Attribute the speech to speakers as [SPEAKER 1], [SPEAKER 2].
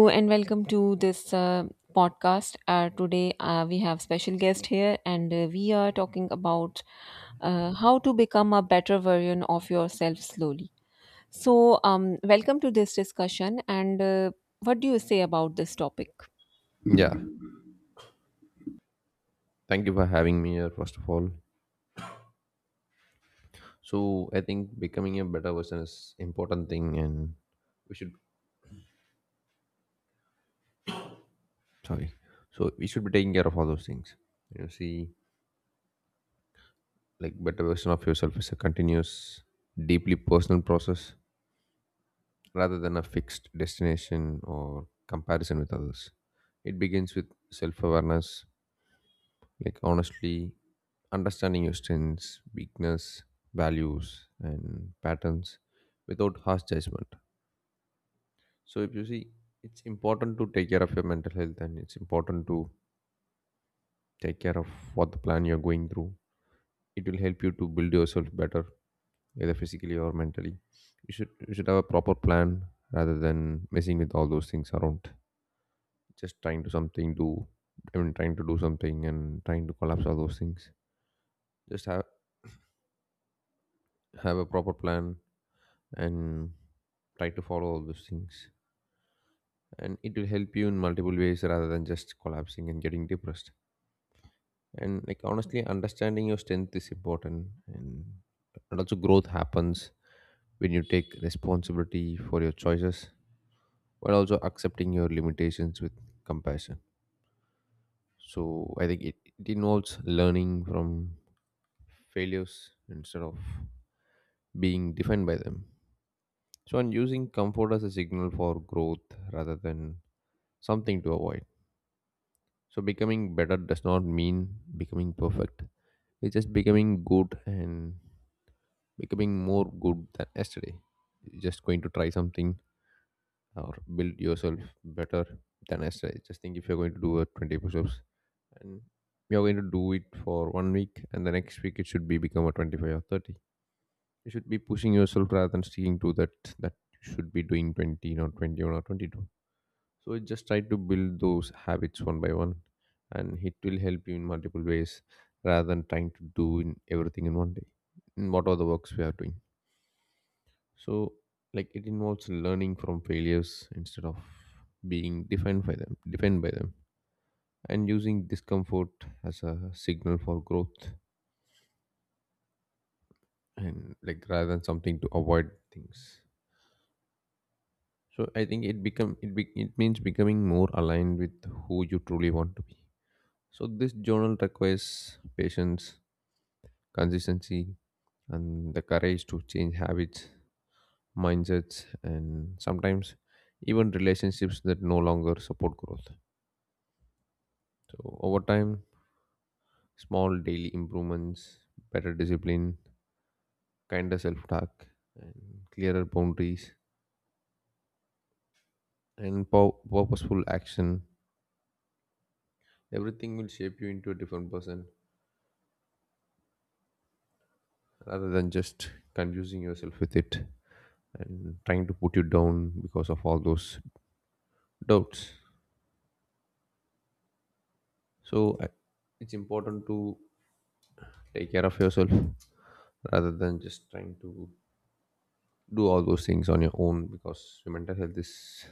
[SPEAKER 1] Hello and welcome to this podcast. Today we have special guest here, and we are talking about how to become a better version of yourself slowly. Welcome to this discussion. And What do you say about this topic?
[SPEAKER 2] Yeah, thank you for having me here, first of all. So, I think becoming a better person is important thing, and we should, sorry, so we should be taking care of all those things. You see, like better version of yourself is a continuous, deeply personal process rather than a fixed destination or comparison with others. It begins with self awareness, like honestly understanding your strengths, weakness, values, and patterns without harsh judgment. So if you see, it's important to take care of your mental health and it's important to take care of what the plan you're going through. It will help you to build yourself better, either physically or mentally. You should have a proper plan rather than messing with all those things around. Just trying to something do I mean, trying to do something and trying to collapse all those things. Just have a proper plan and try to follow all those things. And it will help you in multiple ways rather than just collapsing and getting depressed. And like honestly understanding your strength is important, and also growth happens when you take responsibility for your choices while also accepting your limitations with compassion. So I think it involves learning from failures instead of being defined by them, so and using comfort as a signal for growth rather than something to avoid. So becoming better does not mean becoming perfect. It's just becoming good and becoming more good than yesterday. You're just going to try something or build yourself better than yesterday. Just think, if you're going to do a 20 push-ups and you're going to do it for one week and the next week it should be become a 25 or 30. You should be pushing yourself rather than sticking to that that you should be doing 20 or 21 or 22. So just try to build those habits one by one and it will help you in multiple ways rather than trying to do in everything in one day in whatever the works we are doing. So, like, it involves learning from failures instead of being defined by them, and using discomfort as a signal for growth, and like rather than something to avoid things. So I think it become it be, it means becoming more aligned with who you truly want to be. So this journal requires patience, consistency, and the courage to change habits, mindsets, and sometimes even relationships that no longer support growth. So over time, small daily improvements, better discipline, kinder self-talk, and clearer boundaries, and purposeful action, everything will shape you into a different person rather than just confusing yourself with it and trying to put you down because of all those doubts. So it's important to take care of yourself rather than just trying to do all those things on your own because your mental health is